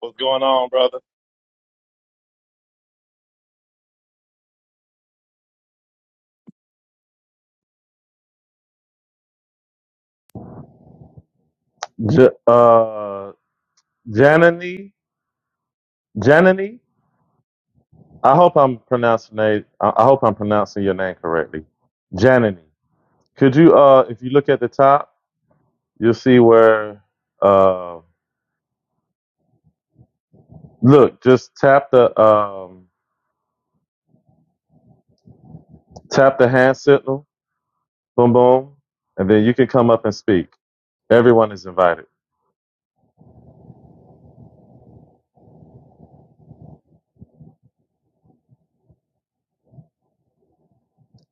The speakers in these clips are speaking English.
What's going on, brother? J- uh, Janani, Janani. I hope I'm pronouncing it. I I hope I'm pronouncing your name correctly. Janani. Could you, uh, if you look at the top, you'll see where. Uh, look, just tap the um, tap the hand signal. Boom, boom, and then you can come up and speak. Everyone is invited.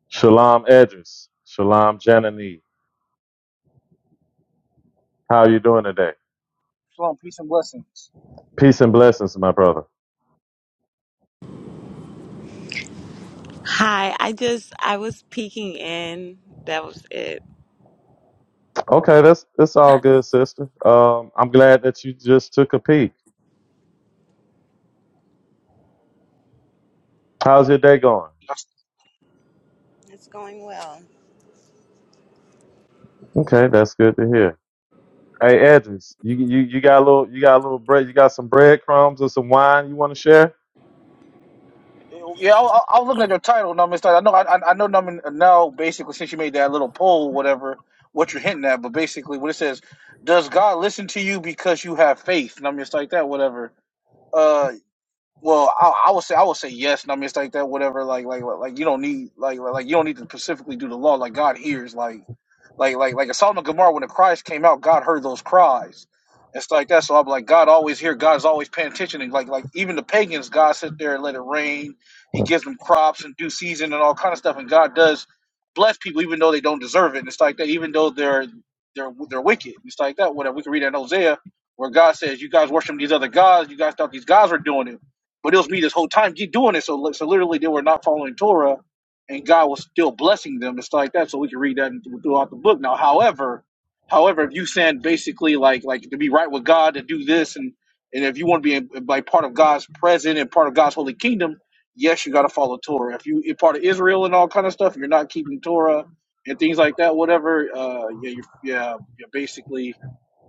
Shalom, Edris. Shalom, Janani. How are you doing today? Shalom, peace and blessings. Peace and blessings, my brother. Hi, I just I was peeking in. That was it. Okay, that's that's all good, sister. Um, I'm glad that you just took a peek. How's your day going? It's going well. Okay, that's good to hear. Hey, Edris, you you you got a little you got a little bread. You got some breadcrumbs or some wine you want to share? Yeah, I, I I was looking at your title, no, Mister. I know, I, I I know, Numbin, now basically since you made that little poll, whatever, what you're hinting at, but basically what it says, does God listen to you because you have faith? And I'm just like that, whatever. Uh, Well, I, I would say I would say yes, no mistake that whatever. Like like like like, you don't need like like like, you don't need to specifically do the law. Like God hears like like like like in Solomon Gomorrah when the cries came out, God heard those cries and stuff like that. So I'm like God always hear. God's always paying attention. And like like even the pagans, God sit there and let it rain. He gives them crops and due season and all kind of stuff. And God does bless people even though they don't deserve it. And it's like that even though they're they're they're wicked. It's like that. Whatever we can read that in Hosea. Where God says, "You guys worship these other gods. You guys thought these guys were doing it." But it was me this whole time. Keep doing it. So, so literally, they were not following Torah, and God was still blessing them and stuff like that. So we can read that throughout the book. Now, however, however, if you saying basically like like to be right with God to do this, and and if you want to be like part of God's present and part of God's holy kingdom, yes, you got to follow Torah. If you if part of Israel and all kind of stuff, you're not keeping Torah and things like that. Whatever, uh, yeah, you're, yeah, you're basically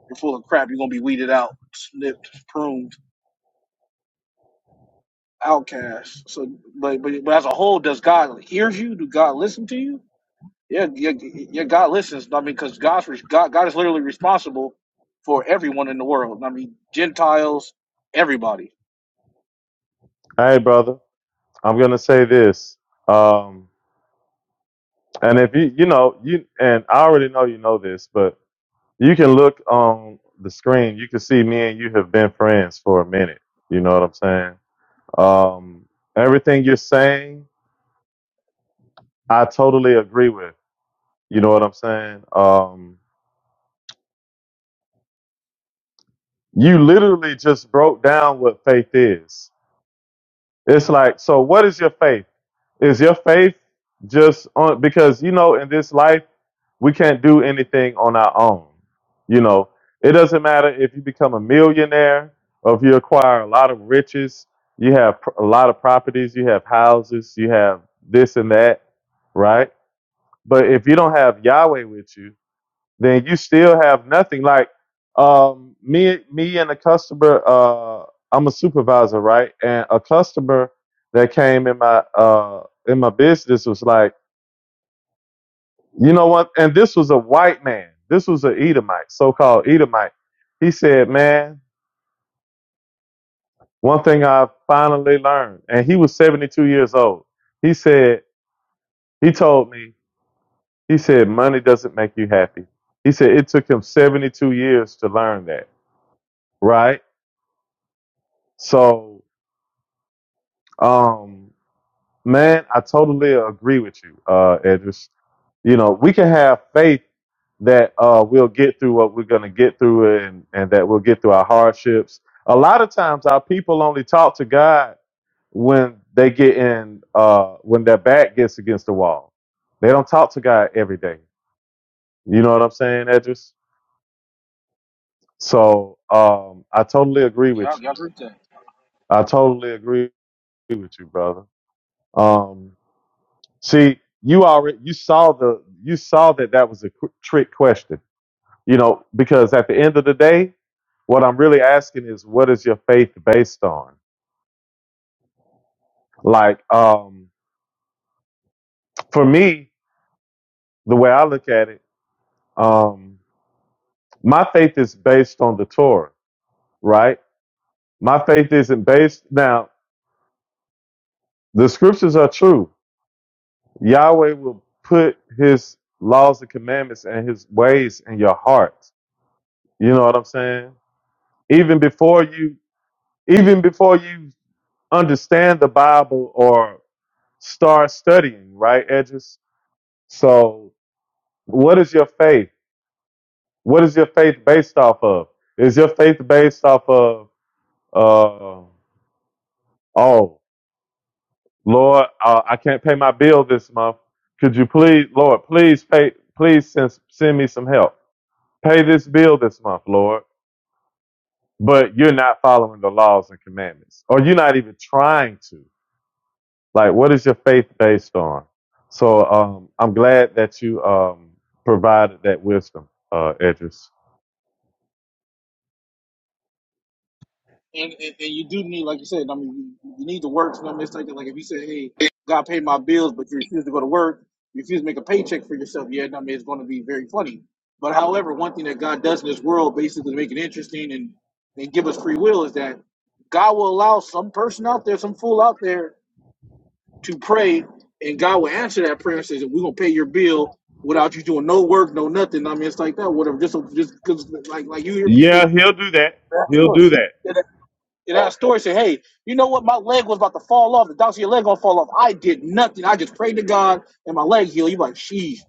you're full of crap. You're gonna be weeded out, snipped, pruned outcast. So, but, but but as a whole, does God hear you? Do God listen to you? Yeah, yeah, yeah God listens. I mean, because God's re- God, God is literally responsible for everyone in the world. I mean, Gentiles, everybody. Hey, brother, I'm gonna say this. Um, and if you you know you and I already know you know this, but you can look on the screen. You can see me and you have been friends for a minute. You know what I'm saying? Um, everything you're saying, I totally agree with. You know what I'm saying? Um, you literally just broke down what faith is. It's like, so what is your faith? Is your faith just on, because, you know, in this life, we can't do anything on our own. You know, it doesn't matter if you become a millionaire or if you acquire a lot of riches, you have pr- a lot of properties, you have houses, you have this and that, right? But if you don't have Yahweh with you, then you still have nothing. Like um, me, me and a customer. Uh, I'm a supervisor, right? And a customer that came in my uh, in my business was like, you know what? And this was a white man. This was an Edomite, so-called Edomite. He said, "Man, one thing I finally learned." And he was 72 years old. He said, he told me, he said, money doesn't make you happy. He said it took him 72 years to learn that, right? So Um, man, I totally agree with you, uh, Edris. You know, we can have faith that uh, we'll get through what we're going to get through and, and that we'll get through our hardships. A lot of times, our people only talk to God when they get in, uh, when their back gets against the wall. They don't talk to God every day. You know what I'm saying, Edris? So um, I totally agree Yeah, I with you. agree with that. I totally agree with you, brother. Um, See, you already you saw the you saw that that was a qu- trick question. You know, because at the end of the day, what I'm really asking is, what is your faith based on? Like, um, for me, the way I look at it, um, my faith is based on the Torah, right? My faith isn't based now. The scriptures are true. Yahweh will put His laws and commandments and His ways in your heart. You know what I'm saying? even before you even before you understand the Bible or start studying, right, Edges? So, what is your faith? What is your faith based off of? Is your faith based off of, uh, oh, Lord, uh, I can't pay my bill this month. Could you please, Lord, please pay, please send, send me some help. Pay this bill this month, Lord. But you're not following the laws and commandments, or you're not even trying to like what is your faith based on so um, i'm glad that you um, provided that wisdom uh, edris and, and, and you do need, like you said, I mean, you, you need to work. So no mistake. Like if you say, "Hey, God pay my bills," but you refuse to go to work, you refuse to make a paycheck for yourself, yeah, I mean, it's going to be very funny. But however, one thing that God does in this world, basically, to make it interesting and and give us free will, is that God will allow some person out there, some fool out there, to pray, and God will answer that prayer and says, "We're gonna pay your bill." Without you doing no work, no nothing. I mean, it's like that. Whatever, just just 'cause, like, like you hear yeah people. he'll do that Yeah, of he'll do course. that And that story said, hey, you know what? My leg was about to fall off. The doctor said, your leg gonna fall off. I did nothing. I just prayed to God and my leg healed. you like, sheesh.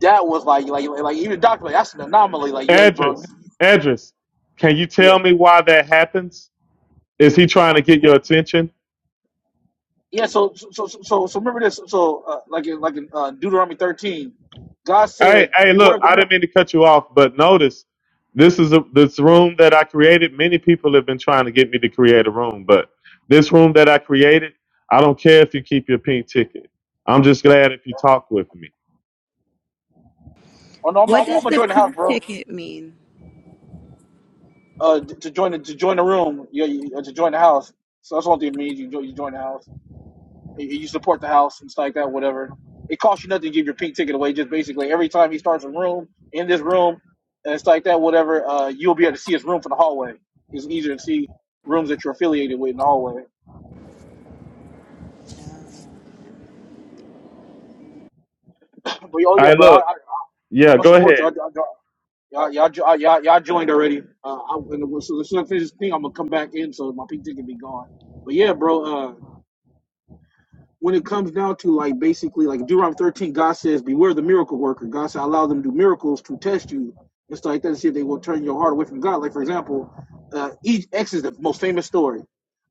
That was like, like, like, like, even the doctor, like, that's an anomaly. Like, yeah, bro. edris edris can you Yeah. tell me why that happens is he trying to get your attention Yeah. So, so, so, so, so remember this. So, uh, like, in, like in uh, Deuteronomy 13, God hey said, hey beware look of the i men. didn't mean to cut you off but notice this is a, this room that i created many people have been trying to get me to create a room but this room that i created i don't care if you keep your pink ticket i'm just glad if you talk with me Oh, no, I'm, I'm, What I'm does gonna the join the house, pink bro. ticket mean? Uh, to join the, to join the room. Yeah, you, uh, to join the house. So that's what thing it means. You join, you join the house. and you support the house and stuff like that, whatever. It costs you nothing to give your pink ticket away. Just basically every time he starts a room in this room and stuff like that, whatever, uh, you'll be able to see his room from the hallway. It's easier to see rooms that you're affiliated with in the hallway. But oh yeah, I bro, I, look, I, yeah, I'm gonna go support ahead. you. I, I, y'all, y'all, jo- y'all, y'all joined already. Uh, I, and as soon as I finish this thing, I'm gonna come back in so my pink ticket be gone. But yeah, bro. Uh. when it comes down to like basically like Deuteronomy 13, God says, Beware the miracle worker. God said, Allow them to do miracles to test you. It's like that to see if they will turn your heart away from God. Like, for example, uh, each X is the most famous story.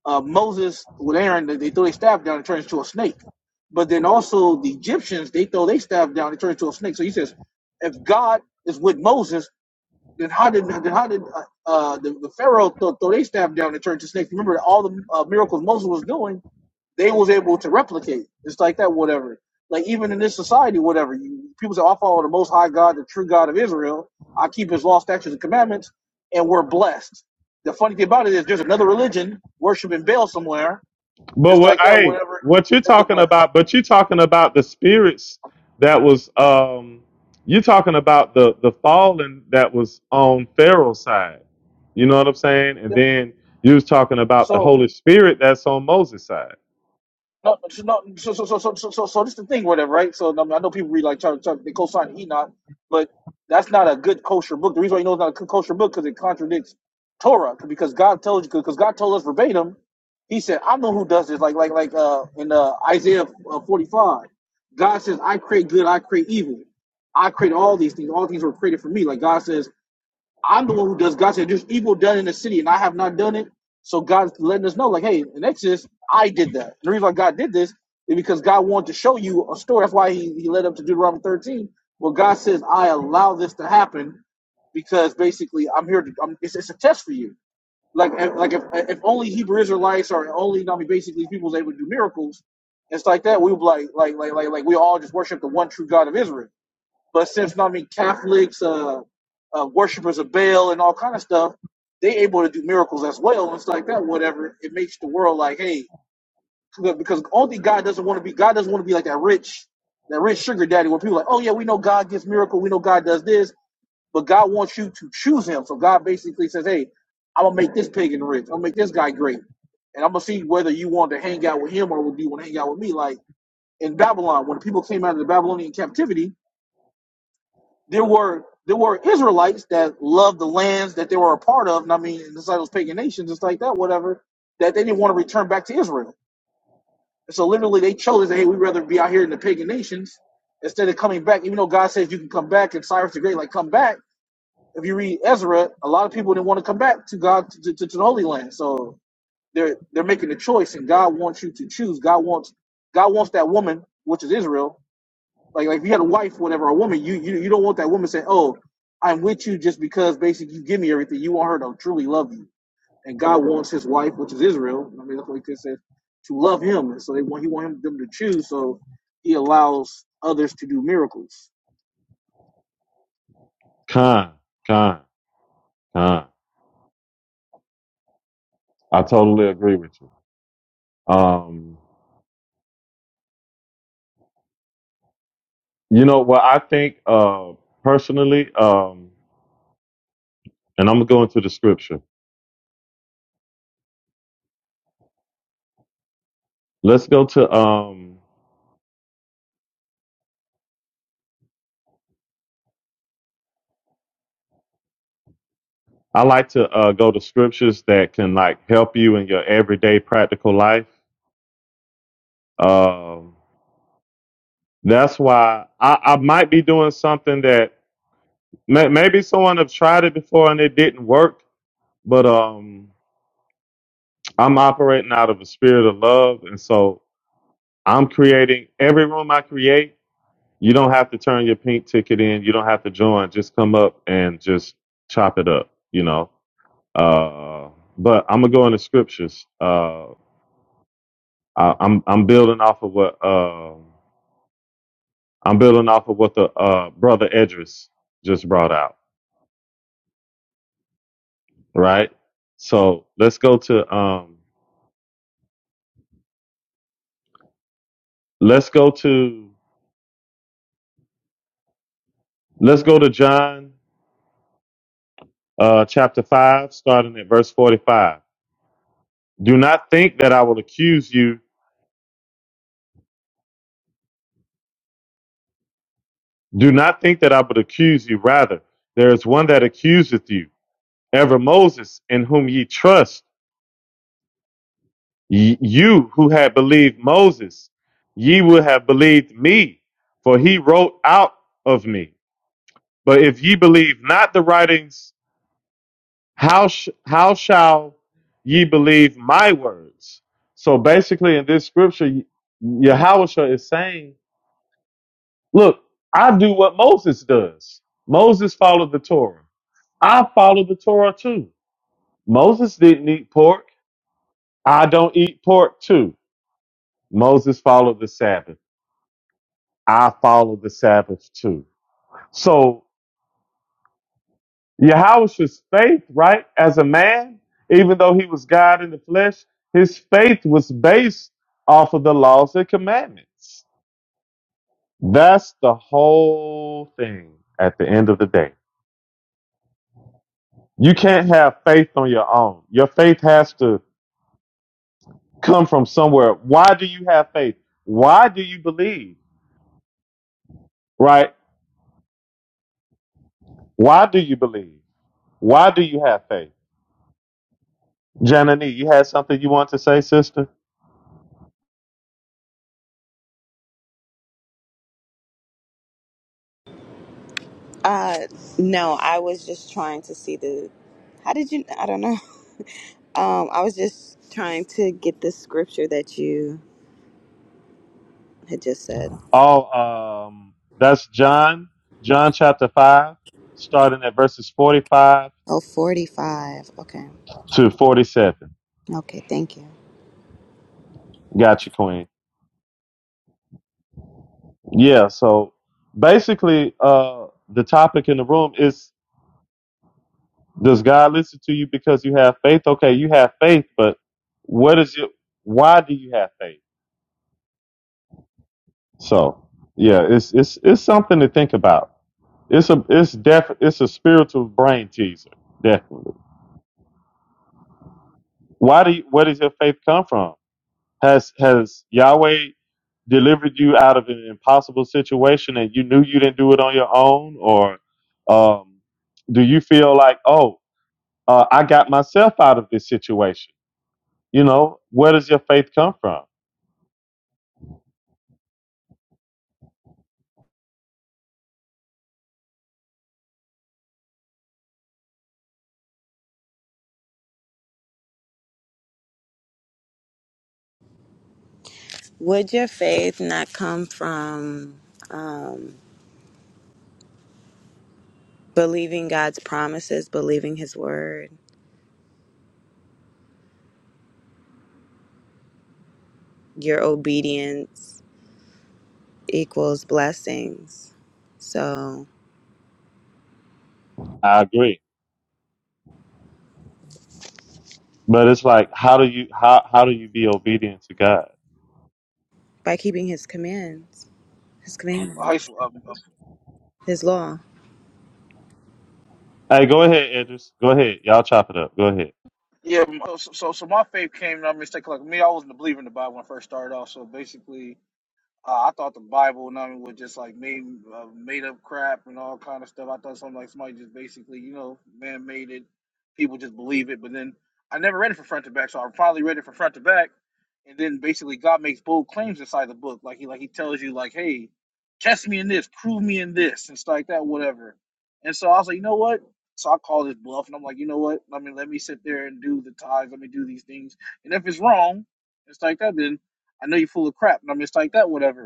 Uh, Moses with Aaron, they they throw their staff down and turn into a snake. But then also the Egyptians, they throw their staff down and turn into a snake. So he says, if God is with Moses, then how did then how did uh, uh, the, the Pharaoh throw, throw their staff down and turn to snakes? Remember all the uh, miracles Moses was doing they was able to replicate. It's like that, whatever. Like even in this society, whatever you people say, "Oh, I follow the Most High God, the true God of Israel. I keep His law, statutes, and commandments, and we're blessed. The funny thing about it is, there's another religion worshiping Baal somewhere. But It's what like that, I whatever. what you're And they get talking blessed. about, but you're talking about the spirits that was um you're talking about the the fallen that was on Pharaoh's side. You know what I'm saying? And Yeah. then you was talking about the So Holy Spirit that's on Moses' side. No, so, no, so, so, so, so, so, so, so this is the thing, whatever, right? So I, mean, I know people read like Charlie, Charlie, they co-sign Enoch, but that's not a good kosher book. The reason why you know it's not a good kosher book because it contradicts Torah, because God told you, because God told us verbatim, He said, "I know who does this." Like, like, like uh, in uh, Isaiah uh, forty-five, God says, "I create good, I create evil, I create all these things. All things were created for me." Like God says, I'm the one who does. God said, "There's evil done in the city, and I have not done it." So God's letting us know, like, "Hey, in Exodus, I did that." And the reason why God did this is because God wanted to show you a story. That's why He, he led up to Deuteronomy 13, where God says, "I allow this to happen because basically I'm here to. I'm, it's, it's a test for you." Like, like if if only Hebrew Israelites or only I mean, basically people was able to do miracles, and stuff like that. We would like like like like like we all just worship the one true God of Israel. But since I mean Catholics, uh, uh, worshippers of Baal, and all kind of stuff, they able to do miracles as well and stuff like that. Whatever it makes the world like, hey, because only God doesn't want to be. God doesn't want to be like that rich, that rich sugar daddy where people are like, oh yeah, we know God gives miracle, we know God does this, but God wants you to choose Him. So God basically says, hey, I'm gonna make this pagan rich. I'm gonna make this guy great, and I'm gonna see whether you want to hang out with him or do you want to hang out with me. Like in Babylon, when the people came out of the Babylonian captivity there were there were Israelites that loved the lands that they were a part of, and I mean, it's like those pagan nations, it's like that, whatever, that they didn't want to return back to Israel. And so literally they chose, hey, we'd rather be out here in the pagan nations instead of coming back, even though God says you can come back and Cyrus the Great, like, come back. If you read Ezra, a lot of people didn't want to come back to God, to, to, to the Holy Land. So they're, they're making a choice, and God wants you to choose. God wants, God wants that woman, which is Israel, like like if you had a wife, or whatever, a woman, you you you don't want that woman saying, "Oh, I'm with you just because basically you give me everything." You want her to truly love you, and God wants His wife, which is Israel. I mean, that's what He said, to love Him, and so they want He want him, them to choose. So He allows others to do miracles. Con, con, con. I totally agree with you. Um, you know what I think uh personally, um, and I'm gonna go into the scripture. Let's go to um I like to uh, go to scriptures that can like help you in your everyday practical life. Um, that's why I, I might be doing something that may, maybe someone have tried it before and it didn't work, but um, I'm operating out of a spirit of love, and so I'm creating every room I create. You don't have to turn your pink ticket in. You don't have to join. Just come up and just chop it up. You know. Uh, but I'm gonna go into scriptures. Uh, I, I'm I'm building off of what um I'm building off of what the uh, brother Edris just brought out, right? So let's go to um let's go to let's go to John uh, chapter five, starting at verse forty-five. Do not think that I will accuse you. Do not think that I would accuse you. Rather, there is one that accuseth you, ever Moses, in whom ye trust Ye- You who had believed Moses, ye would have believed me, for he wrote out of me. But if ye believe not the writings, how, sh- how shall ye believe my words? So basically, in this scripture, Yahusha is saying, Look, I do what Moses does. Moses followed the Torah. I follow the Torah too. Moses didn't eat pork. I don't eat pork too. Moses followed the Sabbath. I follow the Sabbath too. So Yahushua's faith, right, as a man, even though he was God in the flesh, his faith was based off of the laws and commandments. That's the whole thing at the end of the day. You can't have faith on your own. Your faith has to come from somewhere. Why do you have faith? Why do you believe? Right? Why do you believe? Why do you have faith? Janani, you had something you want to say, sister? Uh, no, I was just trying to see the. How did you? I don't know. Um, I was just trying to get the scripture that you had just said. Oh, um, that's John, John chapter 5, starting at verses 45 Oh, forty-five. Okay. to 47. Okay. Thank you. Gotcha, Queen. Yeah, so basically, uh, the topic in the room is Does God listen to you because you have faith? Okay, you have faith, but what is it? Why do you have faith? So, yeah, it's it's it's something to think about. It's a it's def it's a spiritual brain teaser. Definitely. Why do you, where does your faith come from? Has has Yahweh delivered you out of an impossible situation and you knew you didn't do it on your own, or um, do you feel like, oh, uh, I got myself out of this situation? You know, where does your faith come from? Would your faith not come from um, believing God's promises, believing His word, your obedience? equals blessings. So I agree, but it's like, how do you how how do you be obedient to God? by keeping his commands, his High commandments, school, um, um, his law, Hey, go ahead, Idris. Go ahead, y'all chop it up. Go ahead. yeah. So, so so my faith came. I mean, mistake like like me. I wasn't a believer in the Bible when I first started off. So basically, Uh, I thought the Bible and I mean, was just like made uh, made up crap and all kind of stuff. I thought something like somebody just basically, you know, man made it. People just believe it. But then I never read it from front to back, so I finally read it from front to back. And then basically, God makes bold claims inside the book, like he like he tells you like, hey, test me in this, prove me in this, and stuff like that, whatever. And so I was like, you know what? So I call this bluff, and I'm like, you know what? I mean, let me sit there and do the tithes, let me do these things, and if it's wrong, it's like that. Then I know you're full of crap, and I'm just like that, whatever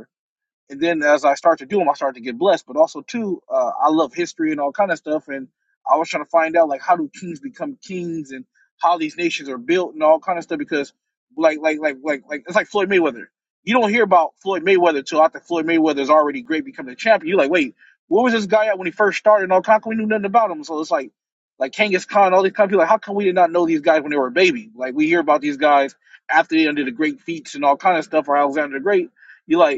and then as I start to do them, I start to get blessed. But also too, uh, I love history and all kind of stuff, and I was trying to find out like how do kings become kings and how these nations are built and all kind of stuff because like like like like like it's like Floyd Mayweather. You don't hear about Floyd Mayweather till after Floyd Mayweather is already great, becoming a champion. You're like, wait, where was this guy at when he first started? And all kind, of- we knew nothing about him. So it's like, like Kangas Khan, all these kind of people. Like, how come we did not know these guys when they were a baby? Like, we hear about these guys after they did the great feats and all kind of stuff, or Alexander the Great. You like,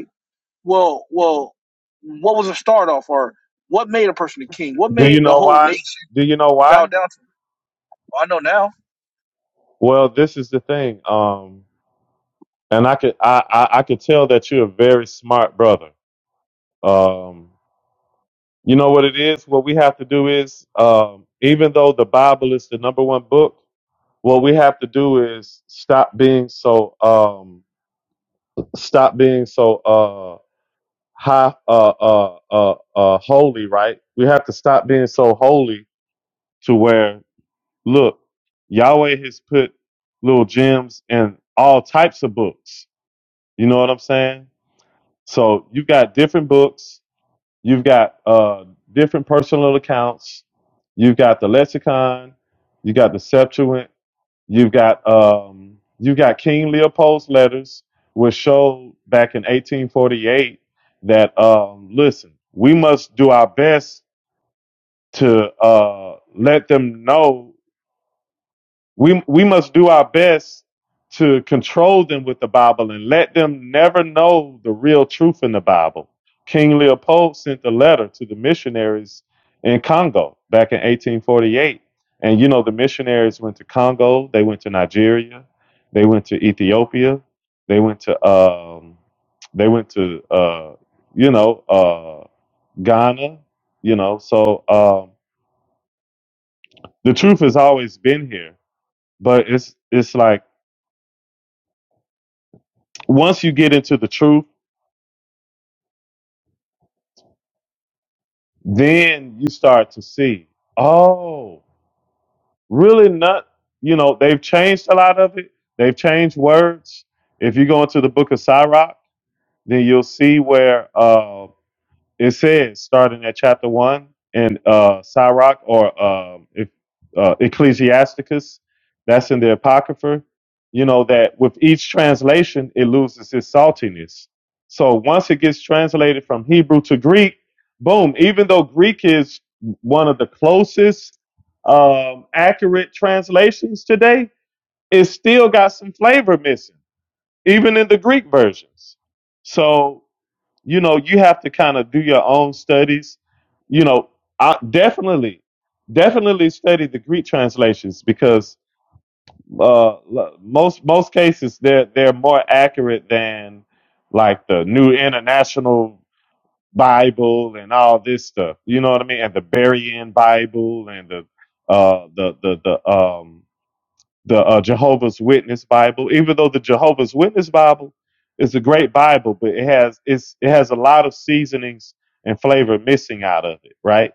well, well, what was the start off, or what made a person a king? What Do you made the know whole why? nation Do you know bow why? down to? Well, I know now. Well, this is the thing. Um, and I could I, I I could tell that you're a very smart brother. Um, you know what it is. What we have to do is, um, even though the Bible is the number one book, what we have to do is stop being so um, stop being so uh, high uh, uh, uh, uh, holy. Right? We have to stop being so holy to where look, Yahweh has put little gems in all types of books. You know what I'm saying? So you got different books You've got uh, different personal accounts. You've got the lexicon. You got the Septuagint. You've got um, you got King Leopold's letters, which showed back in 1848 that um, listen, we must do our best to uh, let them know we we must do our best to control them with the Bible and let them never know the real truth in the Bible. King Leopold sent a letter to the missionaries in Congo back in 1848, and you know the missionaries went to Congo, they went to Nigeria, they went to Ethiopia, they went to um, they went to uh, you know uh, Ghana, you know. So um, the truth has always been here, but it's it's like once you get into the truth, then you start to see, oh, really not, you know, they've changed a lot of it. They've changed words. If you go into the book of Sirach, then you'll see where uh, it says starting at chapter one in uh Sirach or um if, uh, Ecclesiasticus, that's in the Apocrypha, you know, that with each translation it loses its saltiness. So once it gets translated from Hebrew to Greek, boom, even though Greek is one of the closest um accurate translations today, it still got some flavor missing, even in the Greek versions. So you know you have to kind of do your own studies you know i definitely definitely study the greek translations because uh l- most most cases they're they're more accurate than like the new international bible and all this stuff you know what i mean and the berrien bible and the uh the the the um the uh, Jehovah's Witness Bible. Even though the Jehovah's Witness Bible is a great Bible, but it has it's it has a lot of seasonings and flavor missing out of it, right?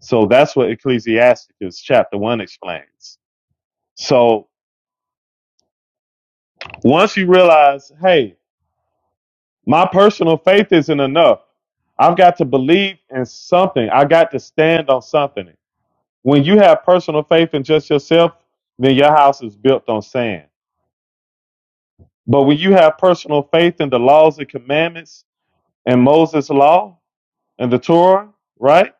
So that's what Ecclesiastes chapter one explains. So once you realize, hey, my personal faith isn't enough. I've got to believe in something. I got to stand on something. When you have personal faith in just yourself, then your house is built on sand But when you have personal faith in the laws and commandments and Moses' law and the Torah, right?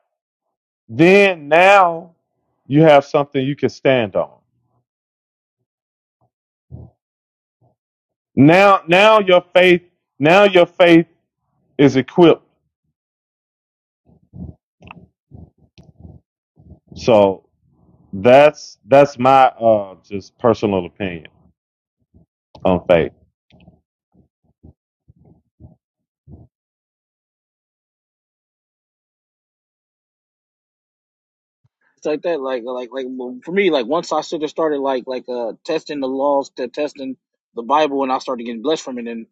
Then now you have something you can stand on. Now, now your faith, now your faith is equipped. So that's that's my uh, just personal opinion on faith. It's like that, like like like well, for me, like once I should have started like like uh testing the laws to testing the Bible, and I started getting blessed from it, and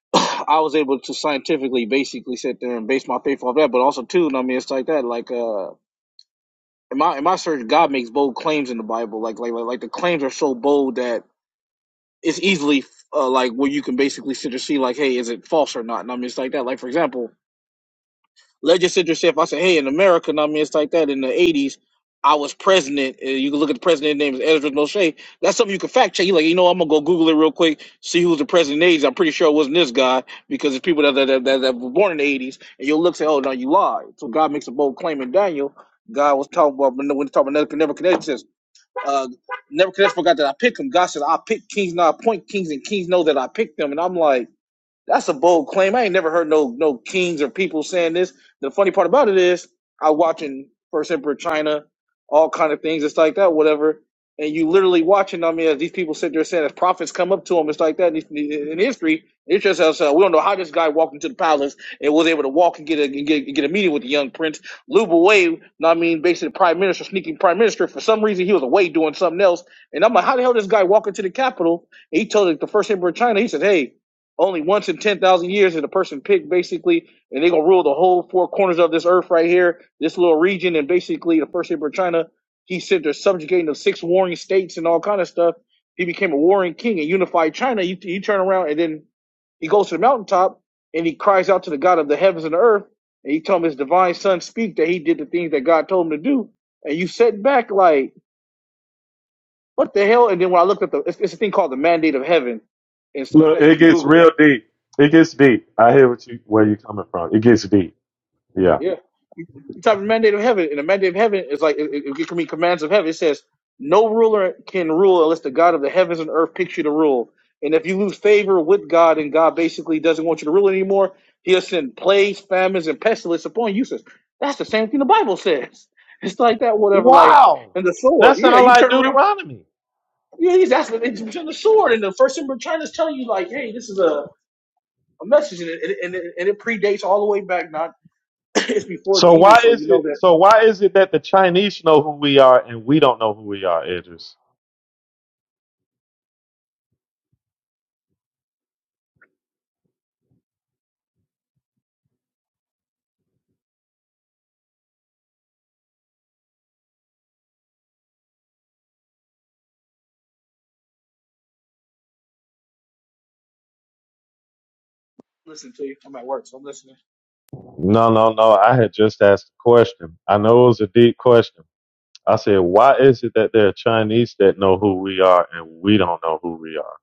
I was able to scientifically basically sit there and base my faith off that. But also too, I mean, it's like that, like uh in my in my search, God makes bold claims in the Bible, like like like, like the claims are so bold that it's easily uh, like where you can basically sit and see like, hey, is it false or not? And I mean, it's like that. Like for example, let's just sit there and say if I say, hey, in America, and I mean, it's like that. In the '80s, I was president. And you can look at the president's name is Ezra O'Shea. That's something you can fact check. You like, you know, I'm gonna go Google it real quick, see who was the president in the '80s. I'm pretty sure it wasn't this guy because it's people that that, that, that were born in the '80s, and you'll look say, oh no, you lied. So God makes a bold claim in Daniel. God was talking about when when he talking about Nebuchadnezzar uh, Nebuchadnezzar forgot that I picked him. God says, I picked kings, not appoint kings, and kings know that I picked them. And I'm like, that's a bold claim. I ain't never heard no no kings or people saying this. The funny part about it is I watching First Emperor China, all kind of things. It's like that, whatever. And you literally watching on me as these people sit there saying as prophets come up to them, it's like that in, in history. It's just us. Uh, we don't know how this guy walked into the palace and was able to walk and get a and get, get a meeting with the young prince. Luba Wade, I mean, basically the prime minister, sneaking prime minister. For some reason, he was away doing something else. And I'm like, how the hell this guy walk into the capital? And he told the first emperor of China, he said, hey, only once in 10,000 years is a person picked, basically, and they're going to rule the whole four corners of this earth right here, this little region, and basically the first emperor of China, he said they're subjugating the six warring states and all kind of stuff. He became a warring king and unified China. You, you turn around and then he goes to the mountaintop and he cries out to the God of the heavens and the earth, and he told him his divine son speak that he did the things that God told him to do. And you sit back like, what the hell? And then when I looked at the, it's, it's a thing called the mandate of heaven. It's like Look, that. You it can gets Google real deep. It gets deep. I hear what you where it. you're coming from. It gets deep. Yeah. Yeah. You type of mandate of heaven, and the mandate of heaven is like it, it, it can be commands of heaven. It says, "No ruler can rule unless the God of the heavens and earth picks you to rule." And if you lose favor with God, and God basically doesn't want you to rule anymore, He'll send plagues, famines, and pestilence upon you. Says that's the same thing the Bible says. It's like that, whatever. Like Wow. and the sword, That yeah. sounds You like turn around, Deuteronomy. yeah. He's asking it's the sword, and the first thing we're trying to tell you, like, hey, this is a, a message, and it, and, it, and it predates all the way back. Not it's before So why Jesus, so is you it know that. so why is it that the Chinese know who we are and we don't know who we are, Idris? listening to you. I'm at work, so I'm listening. No, no, no. I had just asked a question. I know it was a deep question. I said, why is it that there are Chinese that know who we are and we don't know who we are?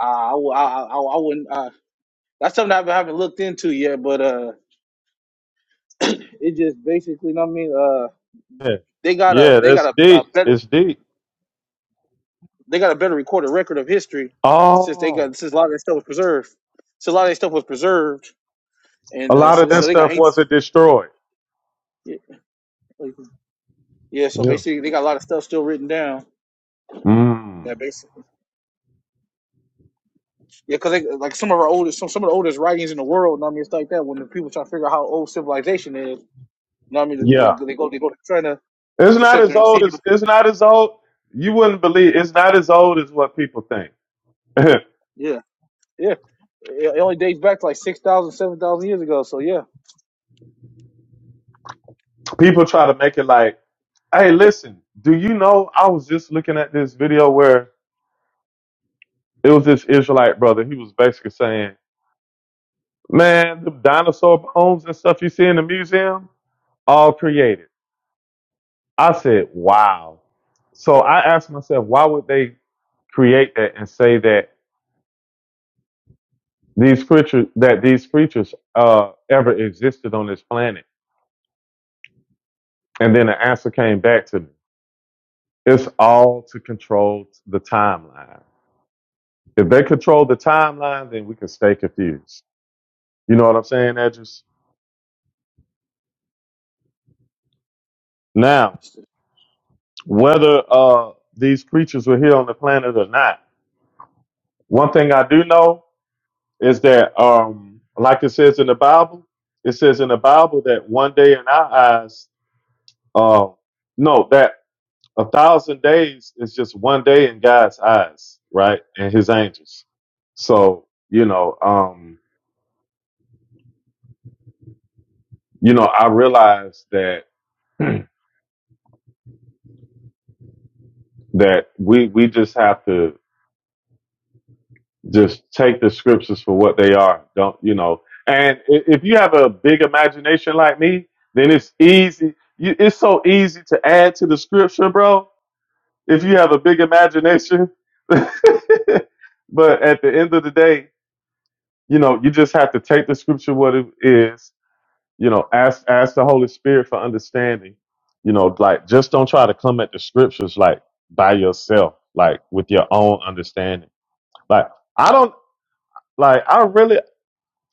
Uh, I, wou- I, I, I I wouldn't. Uh, that's something I haven't looked into yet, but uh, it just basically, you know what I mean, uh, Yeah, they got a yeah they that's got a, a deep. better It's deep. they got a better recorded record of history since they Oh, got since a lot of that stuff was preserved. So a lot of that stuff was preserved, a and uh, lot of so that so they got stuff ancient. wasn't destroyed. Yeah, yeah, so Yeah. basically, they got a lot of stuff still written down. Mm. That basically, yeah, because like some of our oldest, some, some of the oldest writings in the world. You know what I mean, it's like that when the people try to figure out how old civilization is. You know what I mean? They Yeah. go, they go to China It's to not sit as there and see. old as it's not as old. You wouldn't believe it's not as old as what people think. Yeah, yeah. It only dates back to like 6,000, 7,000 years ago. So yeah, people try to make it like, hey, listen, do you know I was just looking at this video where it was this Israelite brother. He was basically saying, Man, the dinosaur bones and stuff you see in the museum, all created. I said, Wow. So I asked myself, why would they create that and say that these creatures that these creatures uh, ever existed on this planet. And then the answer came back to me. It's all to control the timeline. If they control the timeline, then we can stay confused. You know what I'm saying, Edges? Now, whether uh, these creatures were here on the planet or not, one thing I do know is that, um, like it says in the Bible, it says in the Bible that one day in our eyes, uh, no, that A thousand days is just one day in God's eyes, right? And his angels. So, you know, um, you know, I realize that that we we just have to just take the scriptures for what they are. Don't you know? And i- if you have a big imagination like me, then it's easy. You, it's so easy to add to the scripture, bro. If you have a big imagination, but at the end of the day, you know, you just have to take the scripture what it is, you know, ask ask the Holy Spirit for understanding. You know, like just don't try to come at the scriptures like by yourself, like with your own understanding. Like I don't like I really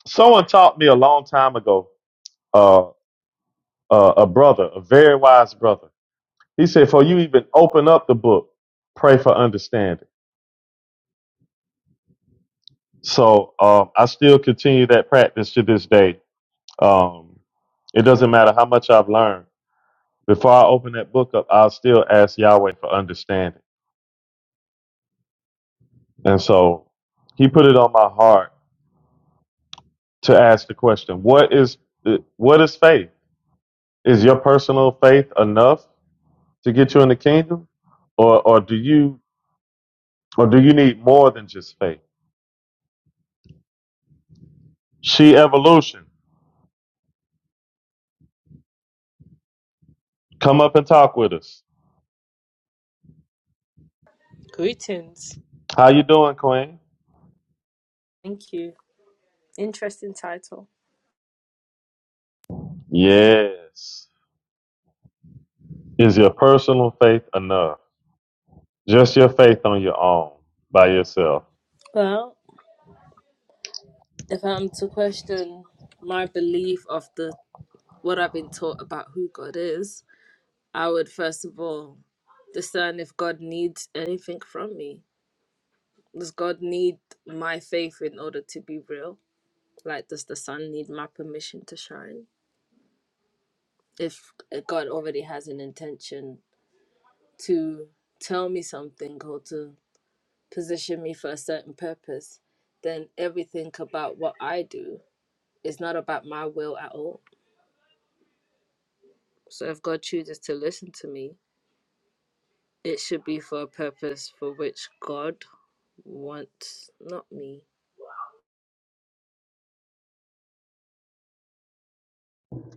someone taught me a long time ago, uh, uh a brother, a very wise brother. He said, For you even open up the book, pray for understanding. So um I still continue that practice to this day. Um it doesn't matter how much I've learned Before I open that book up, I'll still ask Yahweh for understanding. And so he put it on my heart to ask the question, what is what is faith? Is your personal faith enough to get you in the kingdom? Or or do you or do you need more than just faith? She evolution. Come up and talk with us. Greetings. How you doing, Queen? Thank you. Interesting title. Yes. Is your personal faith enough? Just your faith on your own by yourself. Well, if I'm to question my belief of the what I've been taught about who God is, I would first of all discern if God needs anything from me. Does God need my faith in order to be real? Like, does the sun need my permission to shine? If eh, God already has an intention to tell me something or to position me for a certain purpose, then everything about what I do is not about my will at all. So if God chooses to listen to me, it should be for a purpose for which God wants, not me.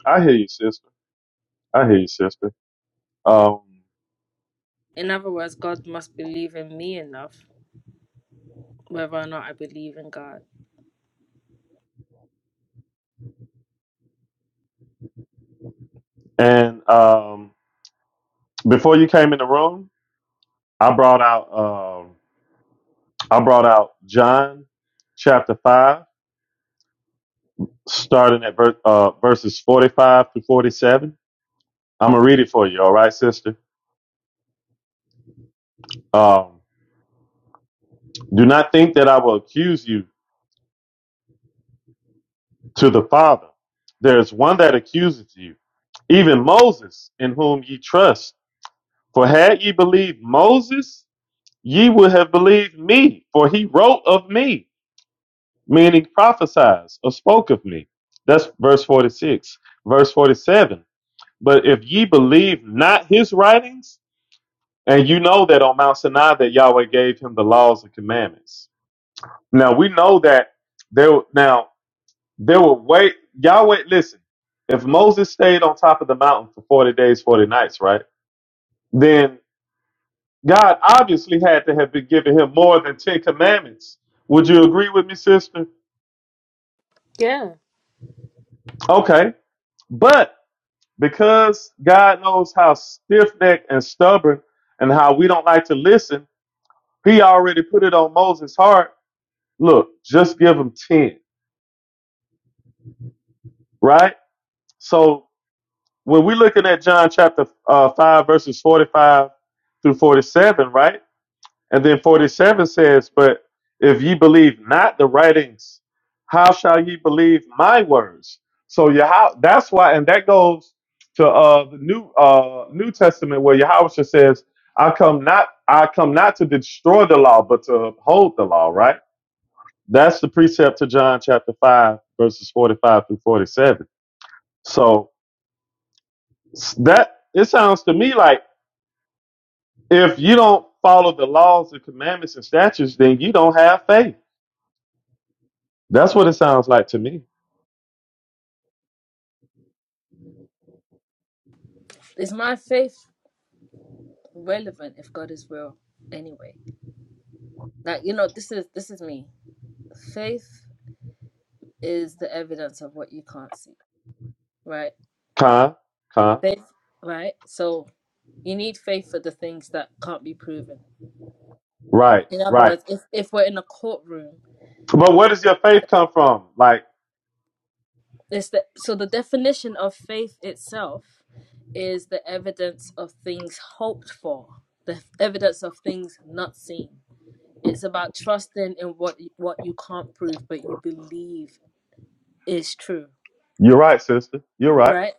I hear you, sister. I hear you, sister. Um, In other words, God must believe in me enough, whether or not I believe in God. And um, before you came in the room, I brought out um, I brought out John chapter five, starting at ver- uh, verses forty five to forty seven. I'm gonna read it for you. All right, sister. Um, Do not think that I will accuse you to the Father. There is one that accuses you, even Moses, in whom ye trust. For had ye believed Moses, ye would have believed me, for he wrote of me. meaning prophesies or spoke of me. That's verse 46. Verse 47. But if ye believe not his writings, and you know that on Mount Sinai that Yahweh gave him the laws and commandments. Now we know that there now there were wait Yahweh listen, if Moses stayed on top of the mountain for 40 days, 40 nights, right? Then God obviously had to have been giving him more than 10 commandments. Would you agree with me, sister? Yeah. Okay. But because God knows how stiff necked and stubborn and how we don't like to listen, he already put it on Moses' heart. Look, just give him 10, right? So when we're looking at John chapter uh, 5, verses 45 through 47, right? And then 47 says, But if ye believe not the writings, how shall ye believe my words? So Yah that's why, and that goes to uh, the New uh, New Testament where Yahweh says, I come not I come not to destroy the law, but to uphold the law, right? That's the precept to John chapter 5, verses 45 through 47. So s- that it sounds to me like if you don't follow the laws and commandments and statutes, then you don't have faith That's what it sounds like to me. Is my faith relevant if God is real anyway? Like, you know, this is this is me. Faith is the evidence of what you can't see, right? Con, con. Faith, right? So you need faith for the things that can't be proven. Right, In other right. words, if, if we're in a courtroom, But where and- does your and faith come from? Like, it's the, so the definition of faith itself is the evidence of things hoped for, the evidence of things not seen. It's about trusting in what you- what you can't prove, but you believe is true, you're right, sister. You're right. right?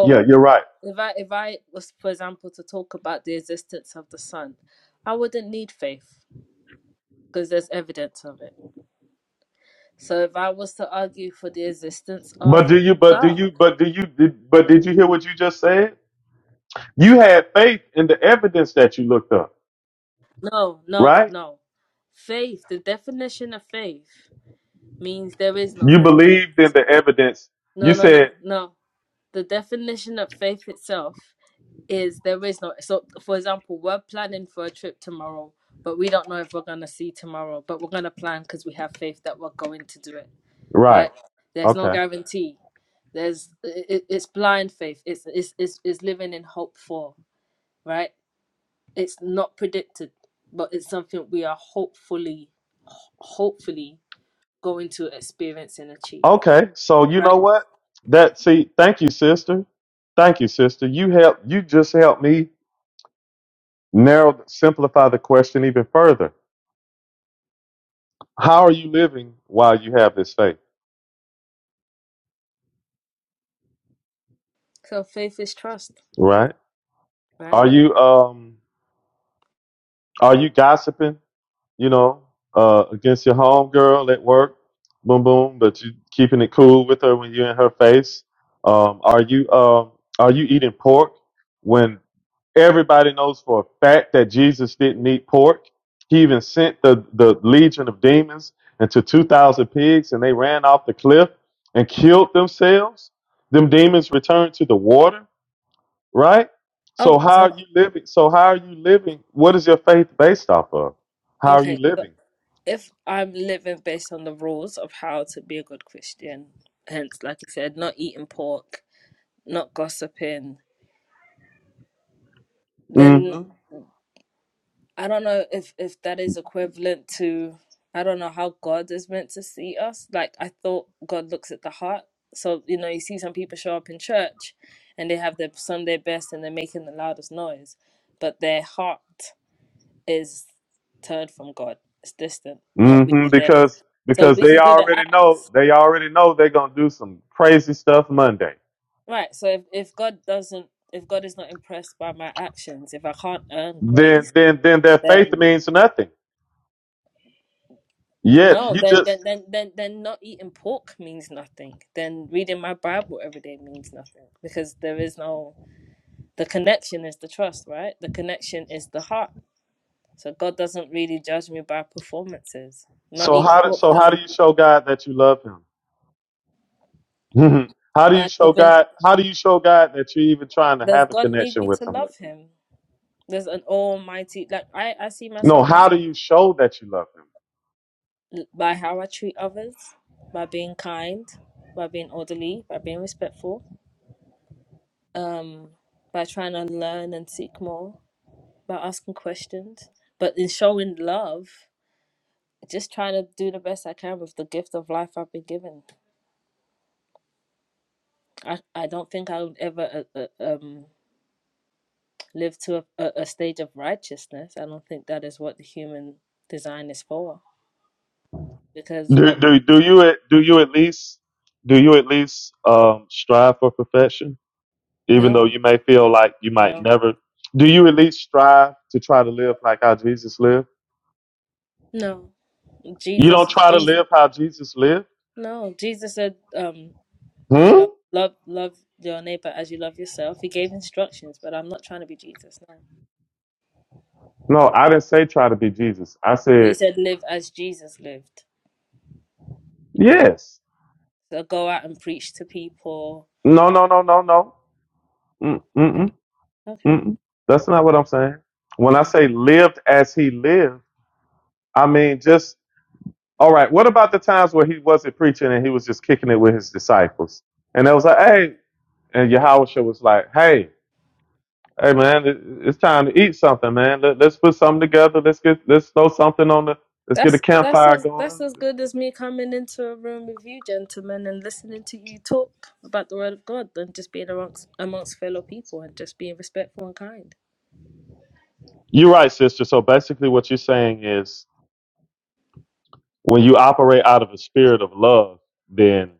Yeah, you're right. if I if I was, for example, to talk about the existence of the sun, I wouldn't need faith because there's evidence of it. So if I was to argue for the existence of But do you, but do God, you, but do you, did, but did you hear what you just said? You had faith in the evidence that you looked up, no, no, right? no. Faith, the definition of faith means there is no You evidence. believed in the evidence. You No, no, no, said, no. The definition of faith itself is there is no. So, for example, we're planning for a trip tomorrow, but we don't know if we're going to see tomorrow, but we're going to plan because we have faith that we're going to do it, right? right. There's no Okay. guarantee there's it, it's blind faith it's, it's it's it's living in hope for right it's not predicted but it's something we are hopefully hopefully going to experience and achieve Okay. So you know right what? That, see, thank you, sister. Thank you, sister. You help, you just helped me narrow, simplify the question even further How are you living while you have this faith? so faith is trust Right? right Are you um are you gossiping, you know, uh against your homegirl at work? Boom boom, but you keeping it cool with her when you're in her face? Um are you um are you eating pork when everybody knows for a fact that Jesus didn't eat pork. He even sent the, the legion of demons into 2,000 pigs and they ran off the cliff and killed themselves. Them demons returned to the water. right? oh So how so are you living? So how are you living? What is your faith based off of? How are you okay so living? if i'm living based on the rules of how to be a good christian hence like you said not eating pork not gossiping then Mm-hmm. I don't know if if that is equivalent to I don't know how God is meant to see us. Like I thought God looks at the heart. So, you know, you see some people show up in church and they have their Sunday best and they're making the loudest noise, but their heart is turned from God. It's distant, not Mm-hmm. really there. Because So because we they can do the already act. know they already know they're gonna do some crazy stuff Monday. Right. So if, if God doesn't if God is not impressed by my actions, if I can't earn Then grace, then then their faith then means nothing. Yet No, you then then just then then then not eating pork means nothing. Then reading my Bible every day means nothing because there is no the connection is the trust, right? The connection is the heart. So God doesn't really judge me by performances. Not so eating how do, pork so how do doesn't you show God that you love Him? Mhm. how do you by show living God? How do you show God that you're even trying to does have a God need connection me with to Him? love him? There's an almighty like I, I see No, myself how as do you show that you love Him? by how I treat others, by being kind, by being orderly, by being respectful, um, by trying to learn and seek more by asking questions, but in showing love, just trying to do the best I can with the gift of life I've been given. I, I don't think I would ever uh, uh, um, live to a, a, stage of righteousness. I don't think that is what the human design is for. Because we Do, do do you at do you at least do you at least um, strive for perfection, even no, though you may feel like you might no, never? Do you at least strive to try to live like how Jesus lived? no. You Jesus, don't try to Jesus, live how Jesus lived. no. Jesus said, um, you Hmm. know, love, love your neighbor as you love yourself. He gave instructions, but I'm not trying to be Jesus. No, No, I didn't say try to be Jesus. I but he said said, live as Jesus lived. yes. To go out and preach to people. No, no, no, no, no. Mm, mm, Okay, mm, okay. mm. That's not what I'm saying. When I Uh, say lived as he lived, I mean just All right. What about the times where he wasn't preaching and he was just kicking it with his disciples? And they was like, hey, and Yahusha was like, hey, hey, man, it- it's time to eat something, man. Let, let's put something together. Let's get, let's throw something on the, let's get a that's that's campfire as that's going. as good as me coming into a room with you gentlemen and listening to you talk about the word of God than just being amongst amongst fellow people and just being respectful and kind. You're right, sister. So basically what you're saying is when you operate out of a spirit of love, then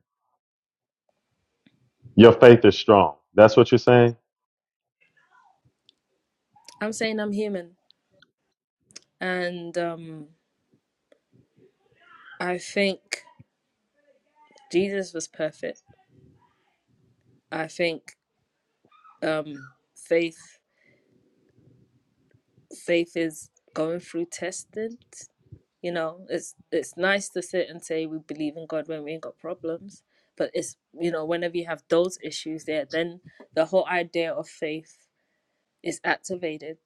your faith is strong. That's what you're saying. I'm saying I'm human and um I think Jesus was perfect. I think um faith faith is going through testing You know, it's it's nice to sit and say we believe in God when we ain't got problems, but it's you know whenever you have those issues there, then the whole idea of faith is activated.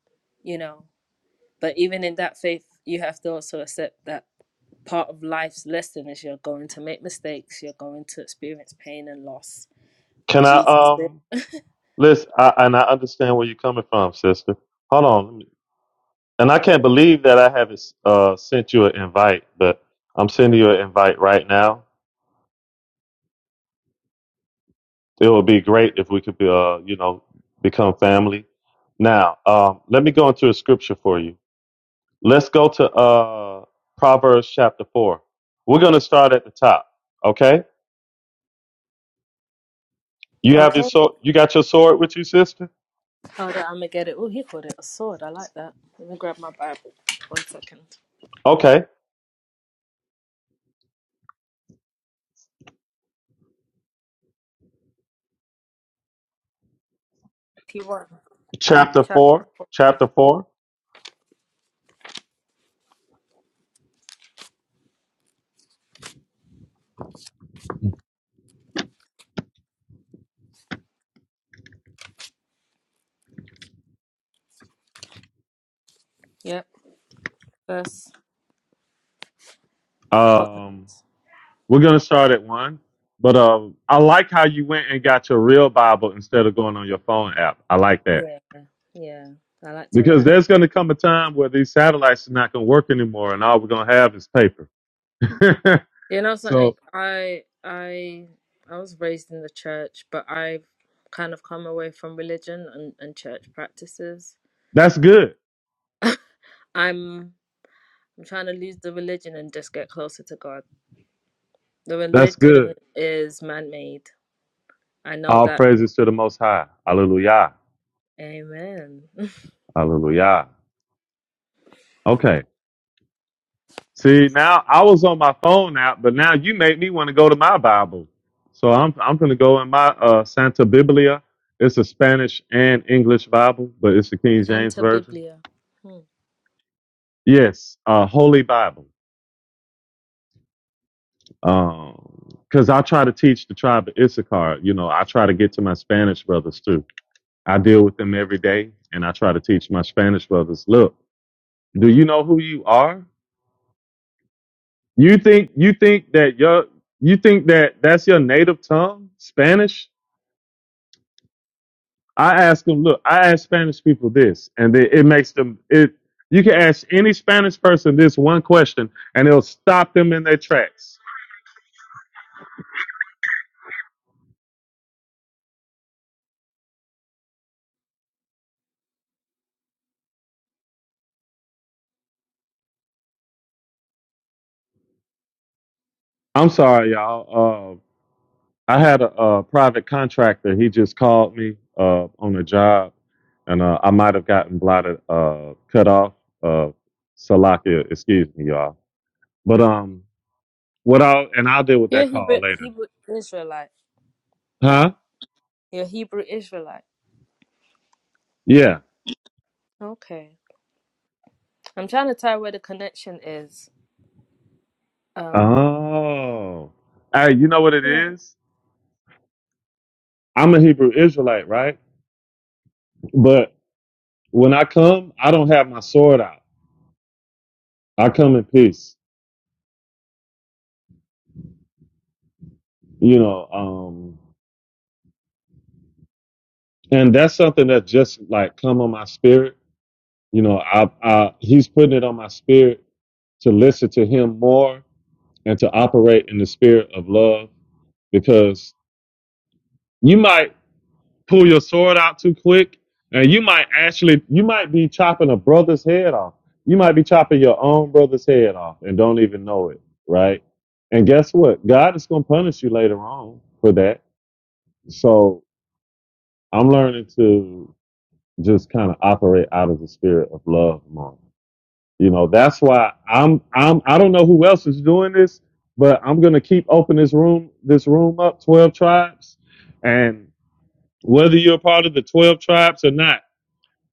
You know, but even in that faith, you have to also accept that part of life's lesson is you're going to make mistakes, you're going to experience pain and loss. Can I, Jesus did. um, listen, I, and I understand where you're coming from, sister. Hold on. And I can't believe that I haven't uh, sent you an invite, but I'm sending you an invite right now. It would be great if we could be, uh, you know, become family. Now, um, let me go into a scripture for you. Let's go to uh, Proverbs chapter four. We're going to start at the top. Okay, you have your "Okay, sword. You got your sword with you, sister. hold on, I'm gonna get it." Oh, he called it a sword. I like that. Let me grab my Bible. One second. Okay, T one. chapter chapter. four. Chapter four. Yep. Verse. What? Um, We're gonna start at one, but um, I like how you went and got your real Bible instead of going on your phone app. I like that Yeah, yeah. I like to because write. there's gonna come a time where these satellites are not gonna work anymore, and all we're gonna have is paper. You know something? so I I I was raised in the church, but I've kind of come away from religion and, and church practices. that's good. I'm I'm trying to lose the religion and just get closer to God. The That's religion good. is man-made. I know All that. praises to the Most High. Hallelujah. Amen. Hallelujah. Okay. See, now I was on my phone app, but now you made me want to go to my Bible. So I'm I'm gonna go in my uh, Santa Biblia. It's a Spanish and English Bible, but it's the King James Santa version. Biblia. Hmm. Yes, uh, Holy Bible. Because I try to teach the tribe of Issachar. You know, I try to get to my Spanish brothers too. I deal with them every day, and I try to teach my Spanish brothers. Look, do you know who you are? You think you think that your you think that that's your native tongue, Spanish? I ask them, look, I ask Spanish people this, and it, it makes them it. You can ask any Spanish person this one question, and it'll stop them in their tracks. I'm sorry, y'all. Uh, I had a, uh private contractor. He just called me uh, on a job, and uh, I might have gotten blotted, uh, cut off. Uh, Salakia, excuse me, y'all. But um, What I'll and I'll deal with You're a that call Hebrew later. Hebrew Israelite, right? Huh? You're a Hebrew Israelite. Yeah. Okay. I'm trying to tie where the connection is. Um. Oh. Hey, you know what it is? I'm a Hebrew Israelite, right? But when I come, I don't have my sword out. I come in peace. You know, um and that's something that just like come on my spirit. You know, I, I he's putting it on my spirit to listen to him more and to operate in the spirit of love because you might pull your sword out too quick, and you might actually you might be chopping a brother's head off. You might be chopping your own brother's head off and don't even know it, right? And guess what? God is going to punish you later on for that. So I'm learning to just kind of operate out of the spirit of love more. You know, that's why I'm I'm I don't know who else is doing this, but I'm gonna keep opening this room this room up, twelve tribes, and whether you're a part of the twelve tribes or not.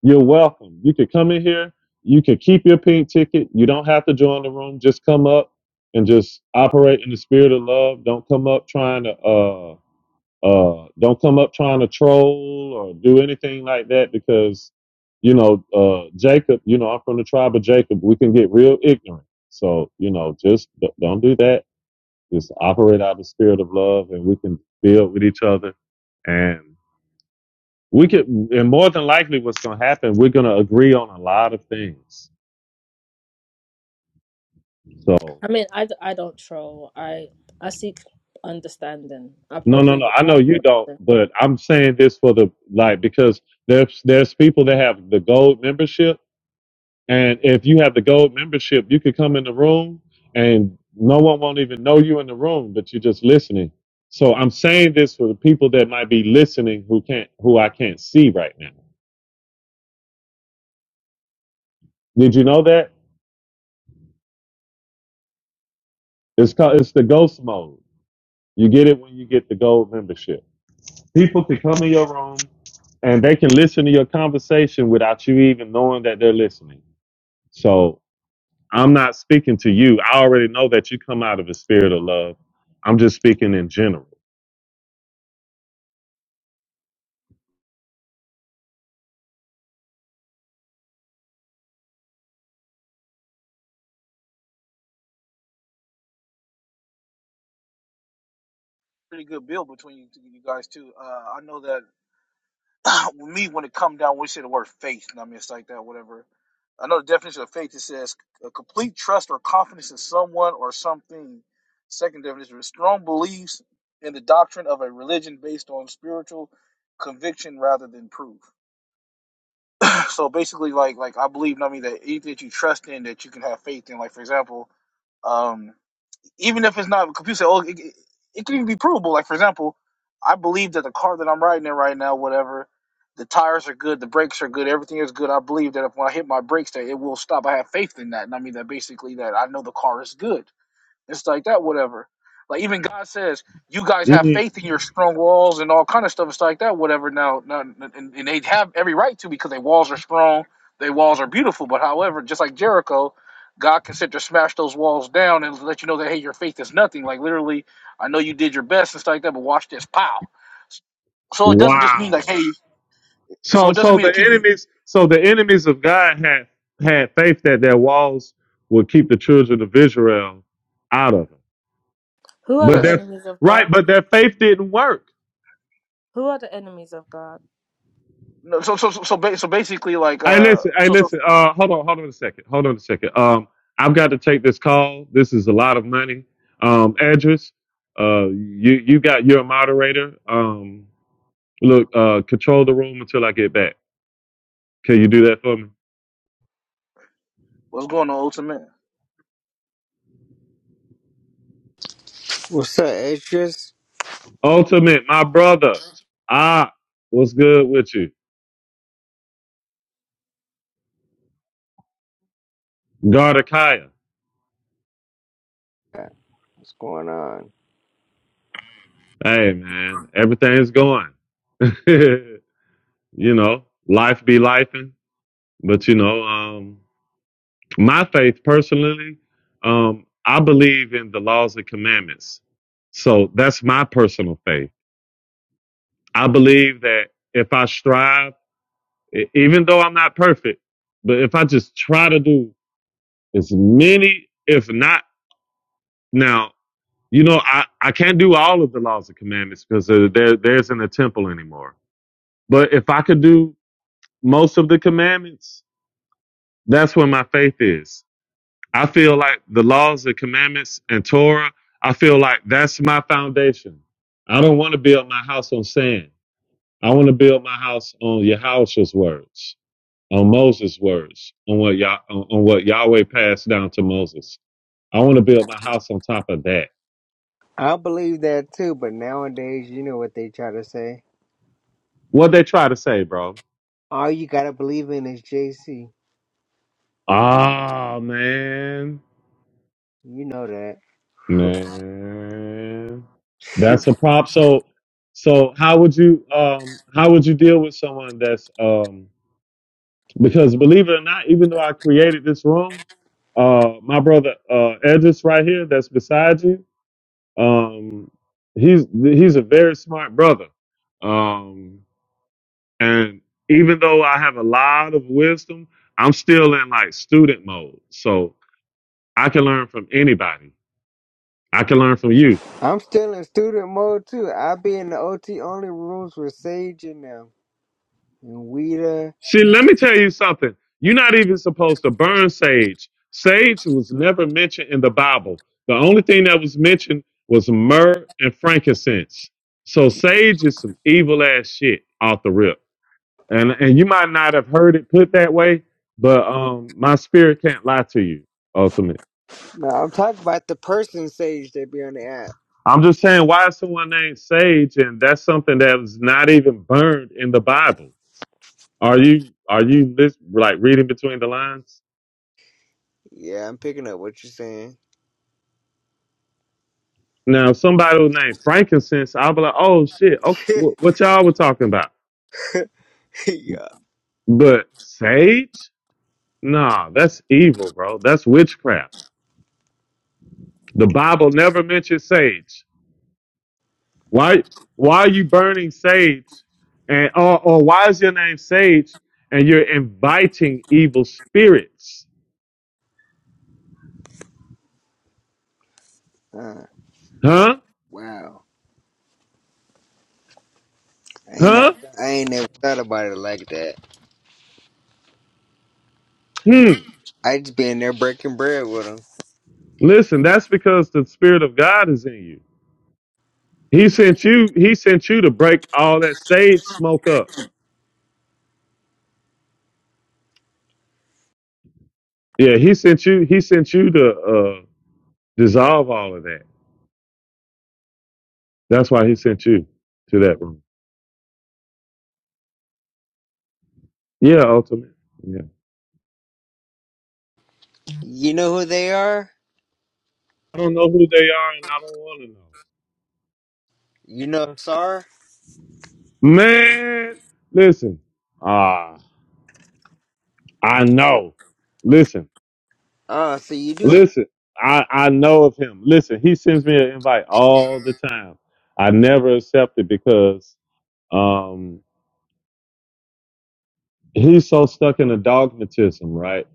You're welcome. You could come in here. You could keep your pink ticket. You don't have to join the room. Just come up and just operate in the spirit of love. Don't come up trying to uh uh don't come up trying to troll or do anything like that because you know uh Jacob, you know I'm from the tribe of Jacob. We can get real ignorant. So, you know, just d- don't do that. Just operate out of the spirit of love and we can build with each other and we could and more than likely what's going to happen we're going to agree on a lot of things so I mean, I, d- I don't troll. I I seek understanding. I no no probably no would i know ask. you don't but i'm saying this for the like because there's there's people that have the gold membership and if you have the gold membership you could come in the room and no one won't even know you in the room but you're just listening so i'm saying this for the people that might be listening who can't who i can't see right now did you know that it's called it's the ghost mode you get it when you get the gold membership People can come in your room and they can listen to your conversation without you even knowing that they're listening. So I'm not speaking to you. I already know that you come out of a spirit of love. I'm just speaking in general. pretty good build between you, you guys too. Uh, I know that with me, when it come down, we say the word faith, and I mean it's like that, whatever. I know the definition of faith. It says a complete trust or confidence in someone or something. Second definition is strong beliefs in the doctrine of a religion based on spiritual conviction rather than proof. So basically, like like I believe, I mean that anything that you trust in, that you can have faith in. Like for example. um, even if it's not computer, oh, it, it can even be provable. Like for example, I believe that the car that I'm riding in right now, whatever, the tires are good, the brakes are good, everything is good. I believe that if when I hit my brakes, that it will stop. I have faith in that, and I mean that basically that I know the car is good. It's like that, whatever. Like even God says, you guys have Mm. faith in your strong walls and all kind of stuff. It's like that, whatever. Now, now and, and they have every right to because their walls are strong, their walls are beautiful. But however, just like Jericho, God can sit there, smash those walls down, and let you know that hey, your faith is nothing. Like literally, I know you did your best and stuff like that, but watch this, pow. So it doesn't just mean like Wow. hey. So So it doesn't so mean the that you enemies so the enemies of God had had faith that their walls would keep the children of Israel out of it. Who are But the yes. that enemies of right, God? but their faith didn't work. Who are the enemies of God? No, so so so so, ba- so basically like Hey, uh listen. Hey, so so listen. Uh, hold on. Hold on a second. Hold on a second. Um, I've got to take this call. This is a lot of money. Um, Andres, uh, you you got your moderator. Um, look, uh, control the room until I get back. Can you do that for me? what's going on ultimate? What's up, extras? Ultimate, my brother. Ah, what's good with you? Gardakaya. What's going on? Hey, man. Everything's going. you know, life be lifing, but you know, um. my faith personally, um, I believe in the laws and commandments. So that's my personal faith. I believe that if I strive, e- even though I'm not perfect, but if I just try to do as many, if not now, you know, I, I can't do all of the laws and commandments because there, there there isn't a temple anymore. But if I could do most of the commandments, that's where my faith is. I feel like the laws and commandments and Torah, I feel like that's my foundation. I don't want to build my house on sand. I want to build my house on Yahushua's words, on Moses' words, on what Yah- on, on what Yahweh passed down to Moses. I want to build my house on top of that. I believe that too, but nowadays, you know what they try to say. What they try to say, bro? All you gotta believe in is JC. Ah, man, You know man, that. that's a prop. So, so how would you um how would you deal with someone that's um Because believe it or not, even though I created this room, uh, my brother uh, Edris right here, that's beside you, um, he's he's a very smart brother, um, and even though I have a lot of wisdom, I'm still in like student mode, so I can learn from anybody. I can learn from you. I'm still in student mode too. I be in the OT only rooms with Sage and them. And Weeda. See, let me tell you something. You're not even supposed to burn sage. Sage was never mentioned in the Bible. The only thing that was mentioned was myrrh and frankincense. So sage is some evil ass shit off the rip. And and you might not have heard it put that way, but um my spirit can't lie to you, ultimately. No, I'm talking about the person Sage that be on the app. I'm just saying why is someone named Sage and that's something that was not even burned in the Bible. Are you are you lis- like reading between the lines? Yeah, I'm picking up what you're saying. Now, if somebody was named frankincense, I'd be like, oh shit, okay, wh- what y'all were talking about? yeah. But sage? Nah, that's evil, bro. That's witchcraft. The Bible never mentions sage. Why? Why are you burning sage? And or, or why is your name sage? And you're inviting evil spirits? Uh, Huh? wow. I ain't never, Huh? I ain't never thought about it like that. Hmm. I just been there breaking bread with them. Listen, that's because the spirit of God is in you. He sent you. He sent you to break all that sage smoke up. Yeah, he sent you. He sent you to uh, dissolve all of that. That's why he sent you to that room. Yeah, ultimately. Yeah. You know who they are? I don't know who they are, and I don't want to know. You know Sar? Man, listen. Ah, I know. Listen, Ah, so you do know. listen. I I know of him. Listen, he sends me an invite all the time. I never accept it because um he's so stuck in a dogmatism, right?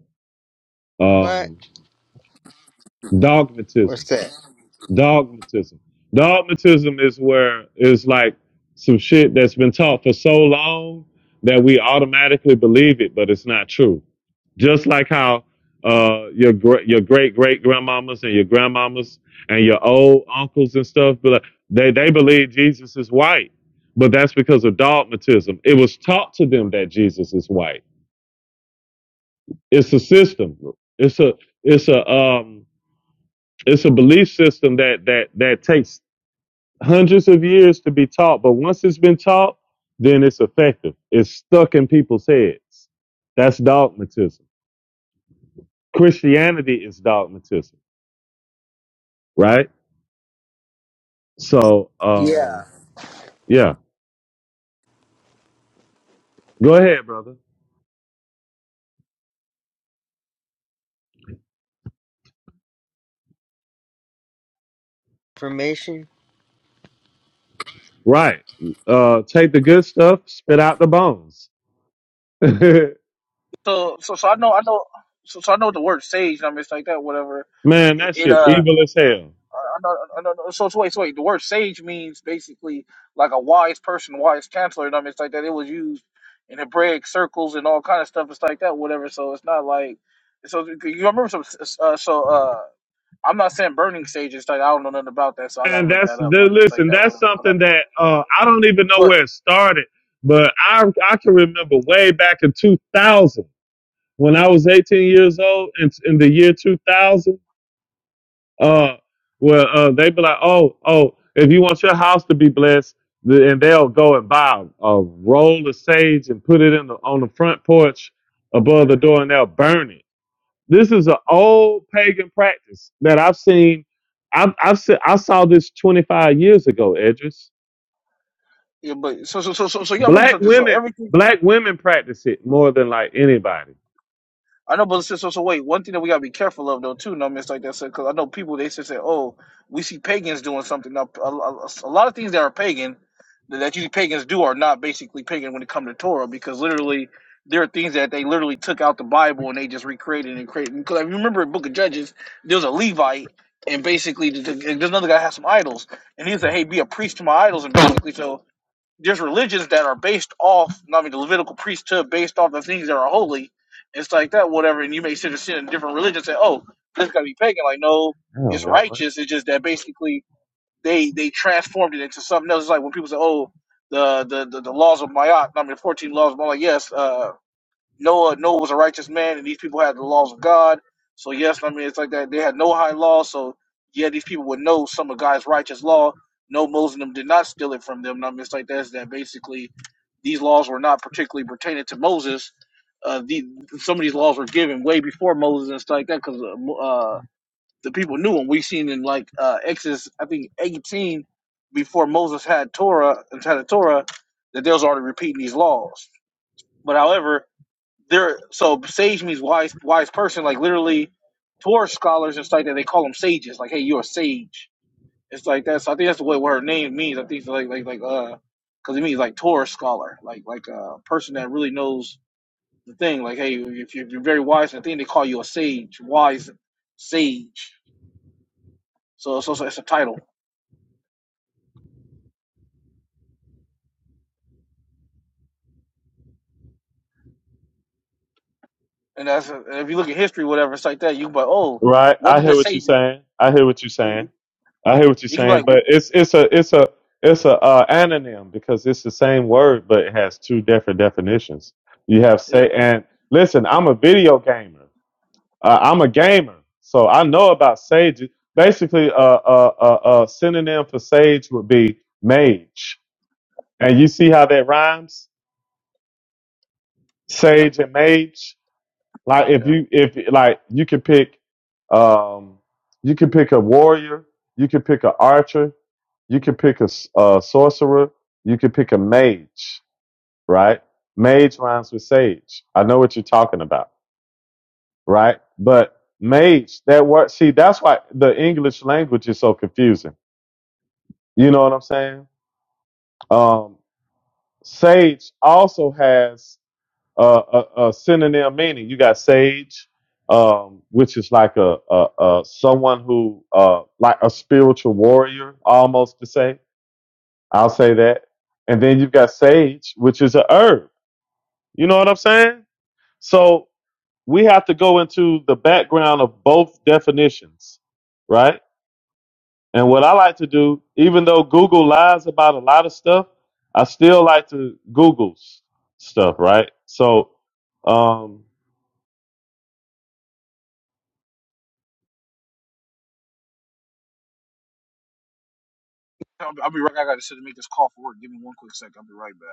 What? Um, What's dogmatism. that? Dogmatism. Dogmatism is where it's like some shit that's been taught for so long that we automatically believe it, but it's not true. Just like how uh, your gr- your great great grandmamas and your grandmamas and your old uncles and stuff, but they they believe Jesus is white, but that's because of dogmatism. It was taught to them that Jesus is white. It's a system. It's a it's a um it's a belief system that that that takes hundreds of years to be taught, but once it's been taught, then it's effective. It's stuck in people's heads. That's dogmatism. Christianity is dogmatism, right? So, Yeah. um, yeah, go ahead, brother. Information? Right. Uh, take the good stuff, spit out the bones. Man, So so so I know I know so, so I know the word sage. and I mean, it's like that. Whatever. It, that it shit uh evil as hell. I know I know so, so wait so wait the word sage means basically like a wise person, wise counselor. And I mean, it's like that. It was used in Hebraic circles and all kind of stuff. It's like that. Whatever. So it's not like so you remember some uh, so uh. I'm not saying burning sage is like I don't know nothing about that, so I gotta And look that's that up. And i the mean just like listen. that, That's whatever. But, I- something that uh, I don't even know but where it started, but I I can remember way back in 2000 when I was 18 years old, and in, in the year 2000, uh, well, uh, they be like, oh oh, if you want your house to be blessed, the, and they'll go and buy a a roll of sage and put it in the on the front porch above the door, and they'll burn it this is an old pagan practice that I've seen. I've, I've seen, I saw this 25 years ago, Edris. yeah, but so so so so so yeah, I remember Black something. So women, everything. black women practice it more than like anybody. I know, but so, so so wait. One thing that we gotta be careful of though too, no miss like that because I know people they just say, "Oh, we see pagans doing something." Now, a, a, a lot of things that are pagan that you pagans do are not basically pagan when it comes to Torah, because literally there are things that they literally took out the Bible and they just recreated and created. Because if you remember in Book of Judges, there was a Levite, and basically th- th- there's another guy that had some idols, and he said, "Hey, be a priest to my idols," and basically so there's religions that are based off, I mean, the Levitical priesthood based off the things that are holy. It's like that, whatever. And you may sit and sit in different religions and say, oh, this got to be pagan. Like, no, Oh, it's y'all right. righteous. It's just that basically they they transformed it into something else. It's like when people say, oh, the the, the, the laws of Mayat, I mean, the 14 laws of Mayat, yes, uh, Noah Noah was a righteous man, and these people had the laws of God. So yes, I mean it's like that. They had no high law, so yeah, these people would know some of God's righteous law. No, Moses and them did not steal it from them. And I mean it's like that's that. Basically, these laws were not particularly pertaining to Moses. Uh, the, some of these laws were given way before Moses and stuff like that, because uh, Mo- uh, the people knew them. We seen in like uh, Exodus, I think eighteen, before Moses had Torah and had a Torah, that they was already repeating these laws. But however, there so sage means wise wise person like literally Torah scholars and stuff like that they call them sages like hey you're a sage it's like that so I think that's what, what her name means I think like like like uh because it means like Torah scholar like like a person that really knows the thing like hey if you're, you're very wise in the thing they call you a sage wise sage so so, so it's a title and that's and if you look at history whatever it's like that you can be like oh Right. what I did hear the what you're sages saying. I hear what you're saying. you, I hear what you're you can be saying. like But it's it's a it's a it's a uh, anonym because it's the same word, but it has two different definitions. You have yeah say and listen. I'm a video gamer. Uh, I'm a gamer, so I know about sages. Basically, a uh, uh, uh, uh, synonym for sage would be mage, and you see how that rhymes, yeah sage and mage. Like if yeah you if like you can pick, um, you can pick a warrior, you can pick an archer, you can pick a, s- a sorcerer, you can pick a mage, right? Mage rhymes with sage. I know what you're talking about. right? But mage, that word, see, that's why the English language is so confusing. You know what I'm saying? Um, sage also has uh, a, a synonym meaning. You got sage, um, which is like a, a, a someone who, uh, like a spiritual warrior, almost to say. I'll say that. And then you've got sage, which is a herb. You know what I'm saying? So we have to go into the background of both definitions, right? And what I like to do, even though Google lies about a lot of stuff, I still like to Google s- stuff, right? So, um, I'll, I'll be right back. I got to make this call for work. Give me one quick second. I'll be right back.